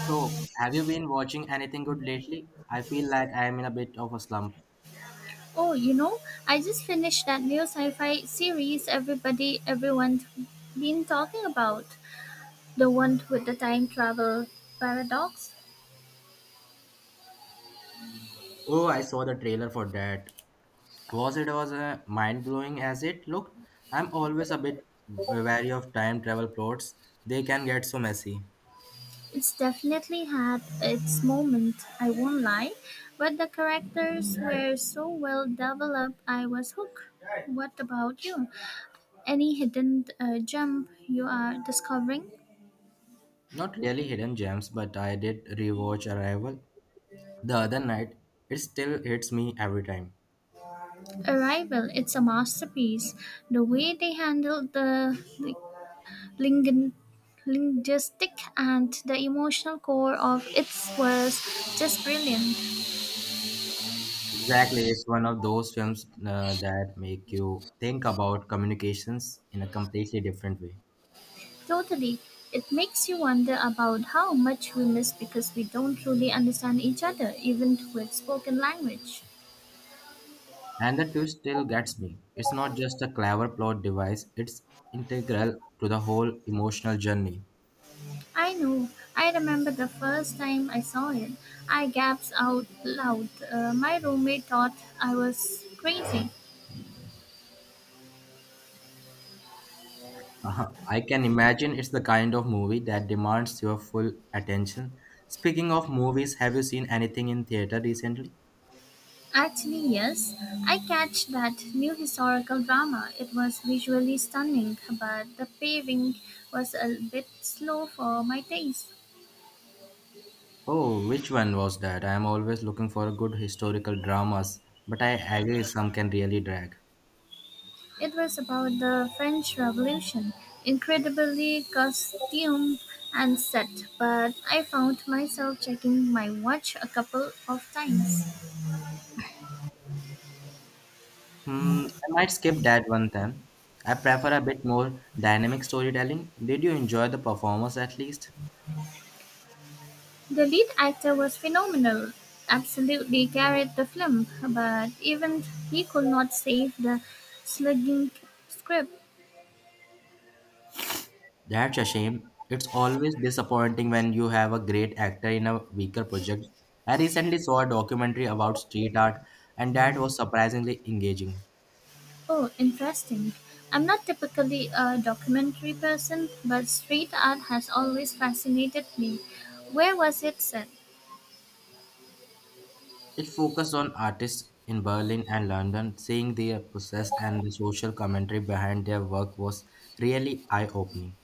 So, have you been watching anything good lately? I feel like I am in a bit of a slump. Oh, I just finished that new sci-fi series everybody everyone's been talking about. The one with the time travel paradox. Oh, I saw the trailer for that. Was it was mind blowing as it looked? I'm always a bit wary of time travel plots. They can get so messy. It's definitely had its moment, I won't lie, but the characters were so well developed I was hooked. What about you? Any hidden gem you are discovering? Not really hidden gems, but I did rewatch Arrival the other night. It still hits me every time. Arrival, it's a masterpiece. The way they handled the lingui- linguistic and the emotional core of it was just brilliant. Exactly, it's one of those films that make you think about communications in a completely different way. Totally. It makes you wonder about how much we miss because we don't truly understand each other, even with spoken language. And the twist still gets me. It's not just a clever plot device, it's integral to the whole emotional journey. I know. I remember the first time I saw it. I gasped out loud. My roommate thought I was crazy. Uh-huh. I can imagine it's the kind of movie that demands your full attention. Speaking of movies, have you seen anything in theater recently? Actually, yes. I catch that new historical drama. It was visually stunning, but the pacing was a bit slow for my taste. Oh, which one was that? I am always looking for good historical dramas, but I agree some can really drag. It was about the French Revolution, incredibly costumed and set, but I found myself checking my watch a couple of times. Hmm, I might skip that one then. I prefer a bit more dynamic storytelling. Did you enjoy the performers at least? The lead actor was phenomenal, absolutely carried the film, but even he could not save the slugging script. That's a shame. It's always disappointing when you have a great actor in a weaker project. I recently saw a documentary about street art, and that was surprisingly engaging. Oh, interesting. I'm not typically a documentary person, but street art has always fascinated me. Where was it set? It focused on artists in Berlin and London, seeing their process and the social commentary behind their work was really eye opening.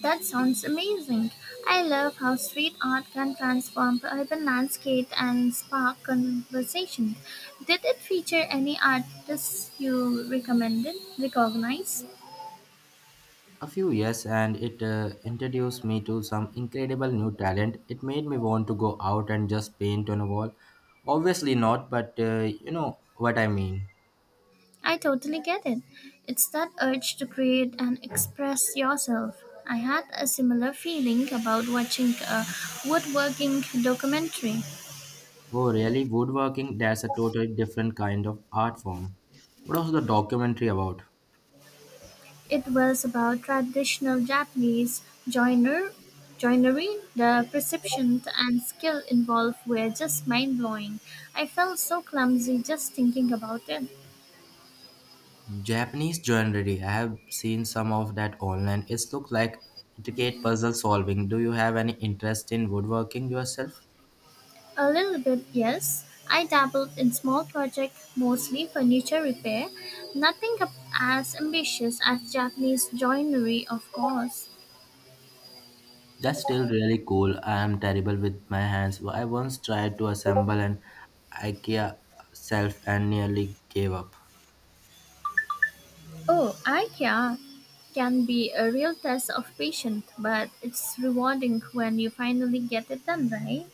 That sounds amazing. I love how street art can transform urban landscape and spark conversation. Did it feature any artists you recognize? A few years, and it introduced me to some incredible new talent. It made me want to go out and just paint on a wall. Obviously, not, but what I mean. I totally get it. It's that urge to create and express yourself. I had a similar feeling about watching a woodworking documentary. Oh, really? Woodworking, that's a totally different kind of art form. What was the documentary about? It was about traditional Japanese joiner, joinery. The precision and skill involved were just mind blowing. I felt so clumsy just thinking about it. Japanese joinery. I have seen some of that online. It looks like intricate puzzle solving. Do you have any interest in woodworking yourself? A little bit, yes. I dabbled in small projects, mostly furniture repair. Nothing as ambitious as Japanese joinery, of course. That's still really cool. I am terrible with my hands. I once tried to assemble an IKEA shelf and nearly gave up. Oh, IKEA can be a real test of patience, but it's rewarding when you finally get it done, right?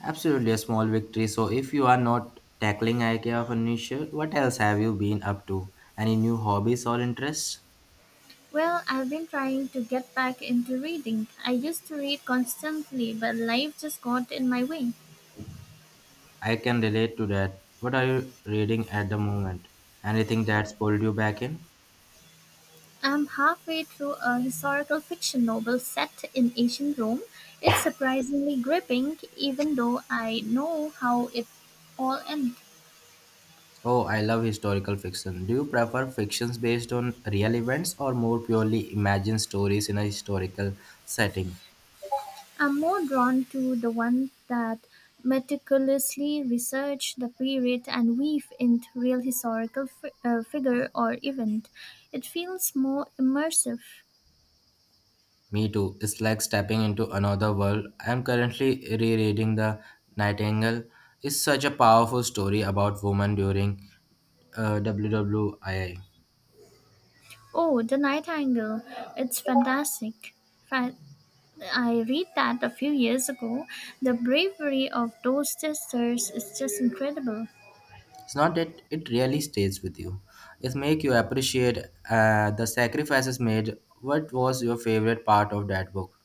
Absolutely a small victory. So if you are not tackling IKEA furniture, what else have you been up to? Any new hobbies or interests? Well, I've been trying to get back into reading. I used to read constantly, but life just got in my way. I can relate to that. What are you reading at the moment? Anything that's pulled you back in? I'm halfway through a historical fiction novel set in ancient Rome. It's surprisingly gripping, even though I know how it all ended. Oh, I love historical fiction. Do you prefer fictions based on real events or more purely imagined stories in a historical setting? I'm more drawn to the ones that meticulously research the period and weave in real historical figure or event. It feels more immersive. Me too. It's like stepping into another world. I'm currently rereading The Nightingale. It's such a powerful story about women during WWII. Oh, The Nightingale. It's fantastic. Fa- I read that a few years ago. The bravery of those sisters is just incredible. It's not that it really stays with you. It make you appreciate the sacrifices made. What was your favorite part of that book?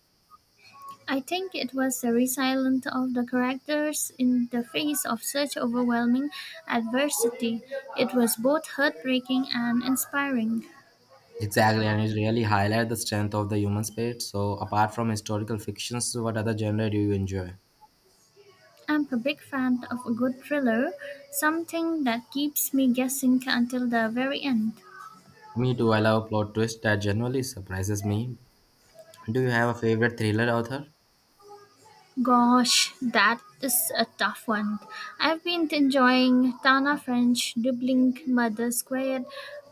I think it was the resilience of the characters in the face of such overwhelming adversity. It was both heartbreaking and inspiring. Exactly, and it really highlights the strength of the human spirit. So, apart from historical fictions, what other genre do you enjoy? I'm a big fan of a good thriller, something that keeps me guessing until the very end. Me too. I love plot twist that generally surprises me. Do you have a favorite thriller author? Gosh, that is a tough one. I've been enjoying Tana French Dubbling Mother Squared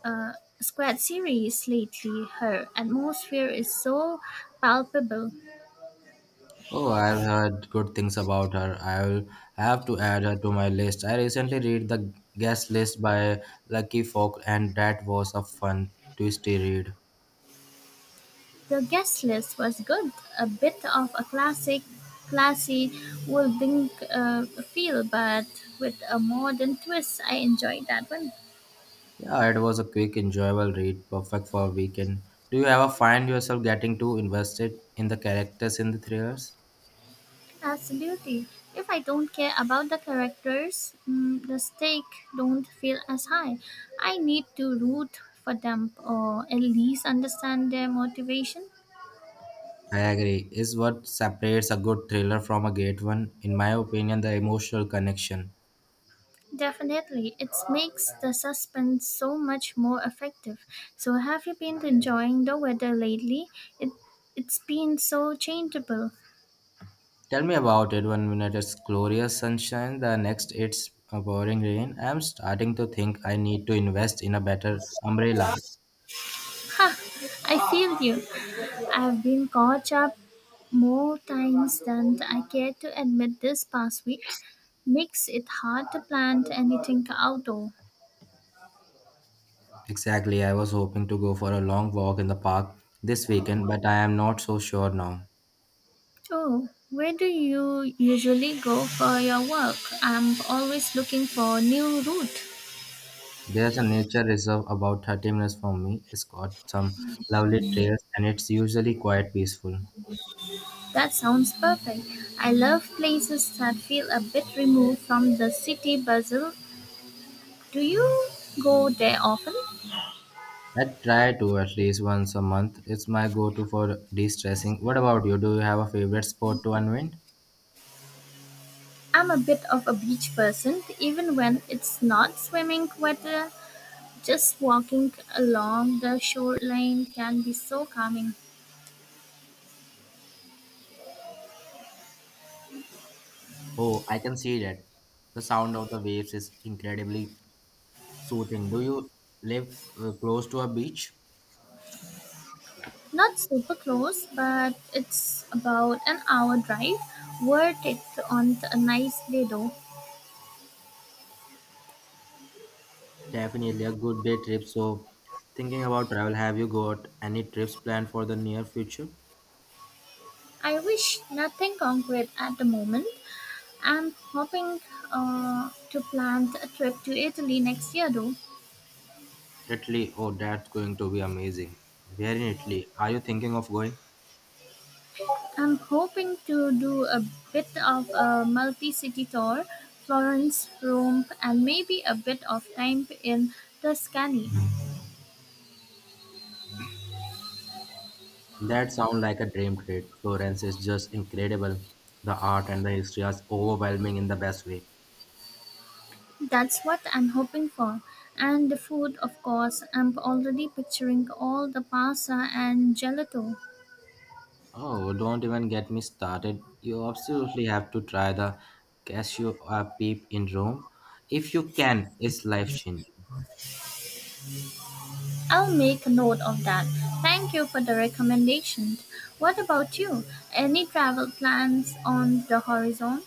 uh, Squared series lately. Her atmosphere is so palpable. Oh, I've heard good things about her. I'll have to add her to my list. I recently read the guest list by Lucky Folk, and that was a fun, twisty read. The guest list was good, a bit of a classy Wolfgang feel, but with a modern twist. I enjoyed that one. Yeah, it was a quick, enjoyable read, perfect for a weekend. Do you ever find yourself getting too invested in the characters in the thrillers? Absolutely. If I don't care about the characters, the stake don't feel as high. I need to root for them or at least understand their motivation. I agree. Is what separates a good thriller from a great one, in my opinion, the emotional connection. Definitely, it makes the suspense so much more effective. So, have you been enjoying the weather lately? It it's been so changeable. Tell me about it. One minute it's glorious sunshine, the next it's a pouring rain. I'm starting to think I need to invest in a better umbrella. I feel you. I've been caught up more times than I care to admit this past week. Makes it hard to plan anything outdoor. Exactly, I was hoping to go for a long walk in the park this weekend, but I am not so sure now. Oh, where do you usually go for your work? I'm always looking for a new route. There's a nature reserve about 30 minutes from me. It's got some lovely trails and it's usually quite peaceful. That sounds perfect. I love places that feel a bit removed from the city bustle. Do you go there often? I try to at least once a month. It's my go to for de stressing. What about you? Do you have a favorite sport to unwind? I'm a bit of a beach person, even when it's not swimming weather. Just walking along the shoreline can be so calming. Oh, I can see that. The sound of the waves is incredibly soothing. Do you live close to a beach? Not super close, but it's about an hour drive. Worth it on a nice day though. Definitely a good day trip. So, thinking about travel, have you got any trips planned for the near future? I wish nothing concrete at the moment. I'm hoping to plan a trip to Italy next year though. Italy, oh, that's going to be amazing. Where in Italy are you thinking of going? I'm hoping to do a bit of a multi city tour Florence, Rome, and maybe a bit of time in Tuscany. That sounds like a dream trip. Florence is just incredible. The art and the history are overwhelming in the best way. That's what I'm hoping for. And the food, of course. I'm already picturing all the pasta and gelato. Oh, don't even get me started. You absolutely have to try the cashew peep in Rome. If you can, it's life changing. I'll make a note of that. Thank you for the recommendation. What about you? Any travel plans on the horizon?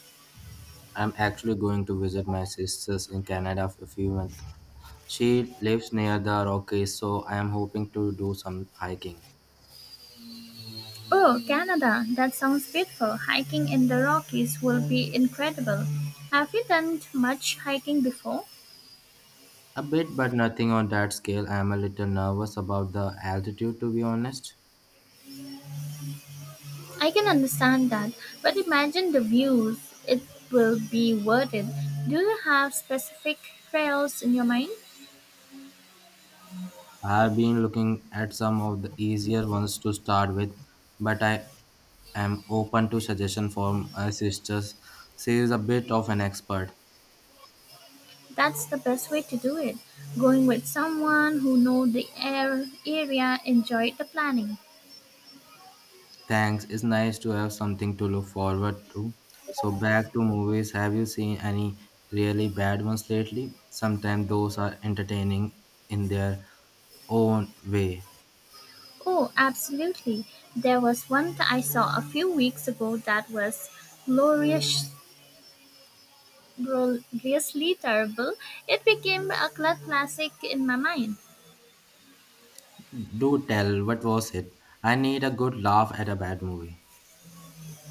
I'm actually going to visit my sisters in Canada for a few months. She lives near the Rockies, so I am hoping to do some hiking. Oh, Canada. That sounds beautiful. Hiking in the Rockies will be incredible. Have you done much hiking before? A bit, but nothing on that scale. I am a little nervous about the altitude, to be honest. I can understand that, but imagine the views. It will be worth it. Do you have specific trails in your mind? I've been looking at some of the easier ones to start with, but I am open to suggestion from my sisters. She is a bit of an expert. That's the best way to do it. Going with someone who know the area, enjoy the planning. Thanks. It's nice to have something to look forward to. So back to movies. Have you seen any really bad ones lately? Sometimes those are entertaining in their own way. Oh, absolutely. There was one that I saw a few weeks ago that was glorious, gloriously terrible. It became a cult classic in my mind. Do tell, what was it? I need a good laugh at a bad movie.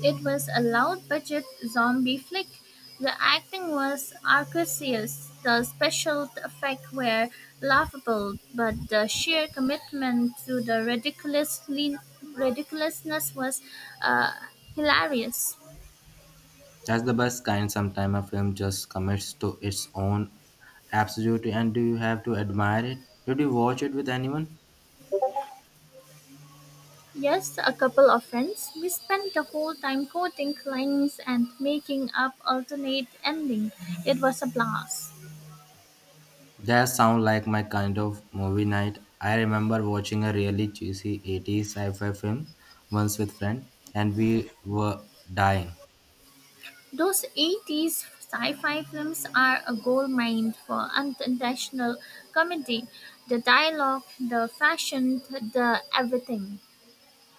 It was a loud budget zombie flick. The acting was atrocious. The special effects were laughable, but the sheer commitment to the ridiculously ridiculousness was uh, hilarious. That's the best kind. Sometimes a film just commits to its own absolutely, and do you have to admire it? Did you watch it with anyone? Yes, a couple of friends. We spent the whole time quoting lines and making up alternate endings. It was a blast. That sound like my kind of movie night. I remember watching a really cheesy 80s sci-fi film once with friend, and we were dying. Those 80s sci fi films are a gold mine for unintentional comedy. The dialogue, the fashion, the everything.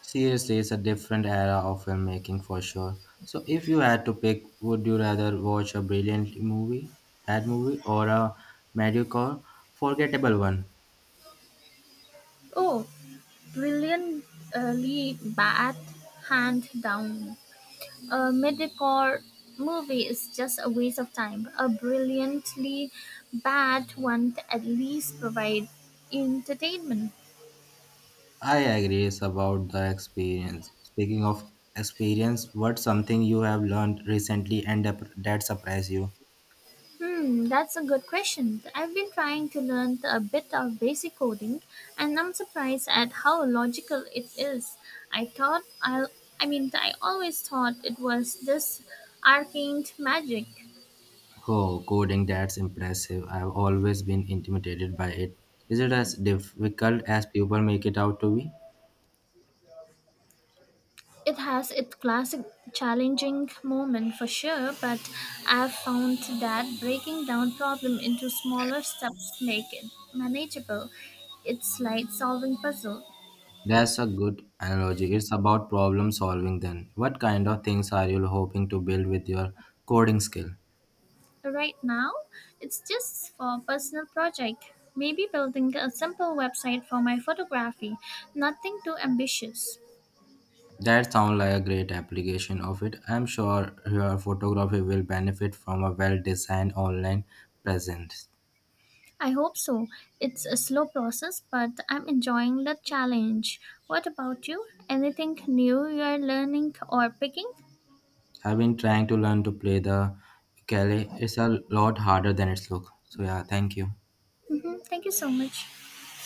Seriously, it's a different era of filmmaking for sure. So, if you had to pick, would you rather watch a brilliant movie, bad movie, or a mediocre, forgettable one? Oh, brilliantly bad, hand down. A mediocre movie is just a waste of time. A brilliantly bad one at least provides entertainment. I agree it's about the experience. Speaking of experience, what's something you have learned recently and that surprised you? That's a good question. I've been trying to learn a bit of basic coding and I'm surprised at how logical it is. I thought I'll I mean, I always thought it was this arcane magic. Oh, coding, that's impressive. I've always been intimidated by it. Is it as difficult as people make it out to be? It has its classic challenging moment for sure, but I've found that breaking down problem into smaller steps make it manageable. It's like solving puzzle. That's a good analogy. It's about problem solving then. What kind of things are you hoping to build with your coding skill? So right now, it's just for a personal project. Maybe building a simple website for my photography. Nothing too ambitious. That sounds like a great application of it. I'm sure your photography will benefit from a well designed online presence. I hope so. It's a slow process, but I'm enjoying the challenge. What about you? Anything new you're learning or picking? I've been trying to learn to play the ukulele. It's a lot harder than it's look. So yeah, thank you. Thank you so much.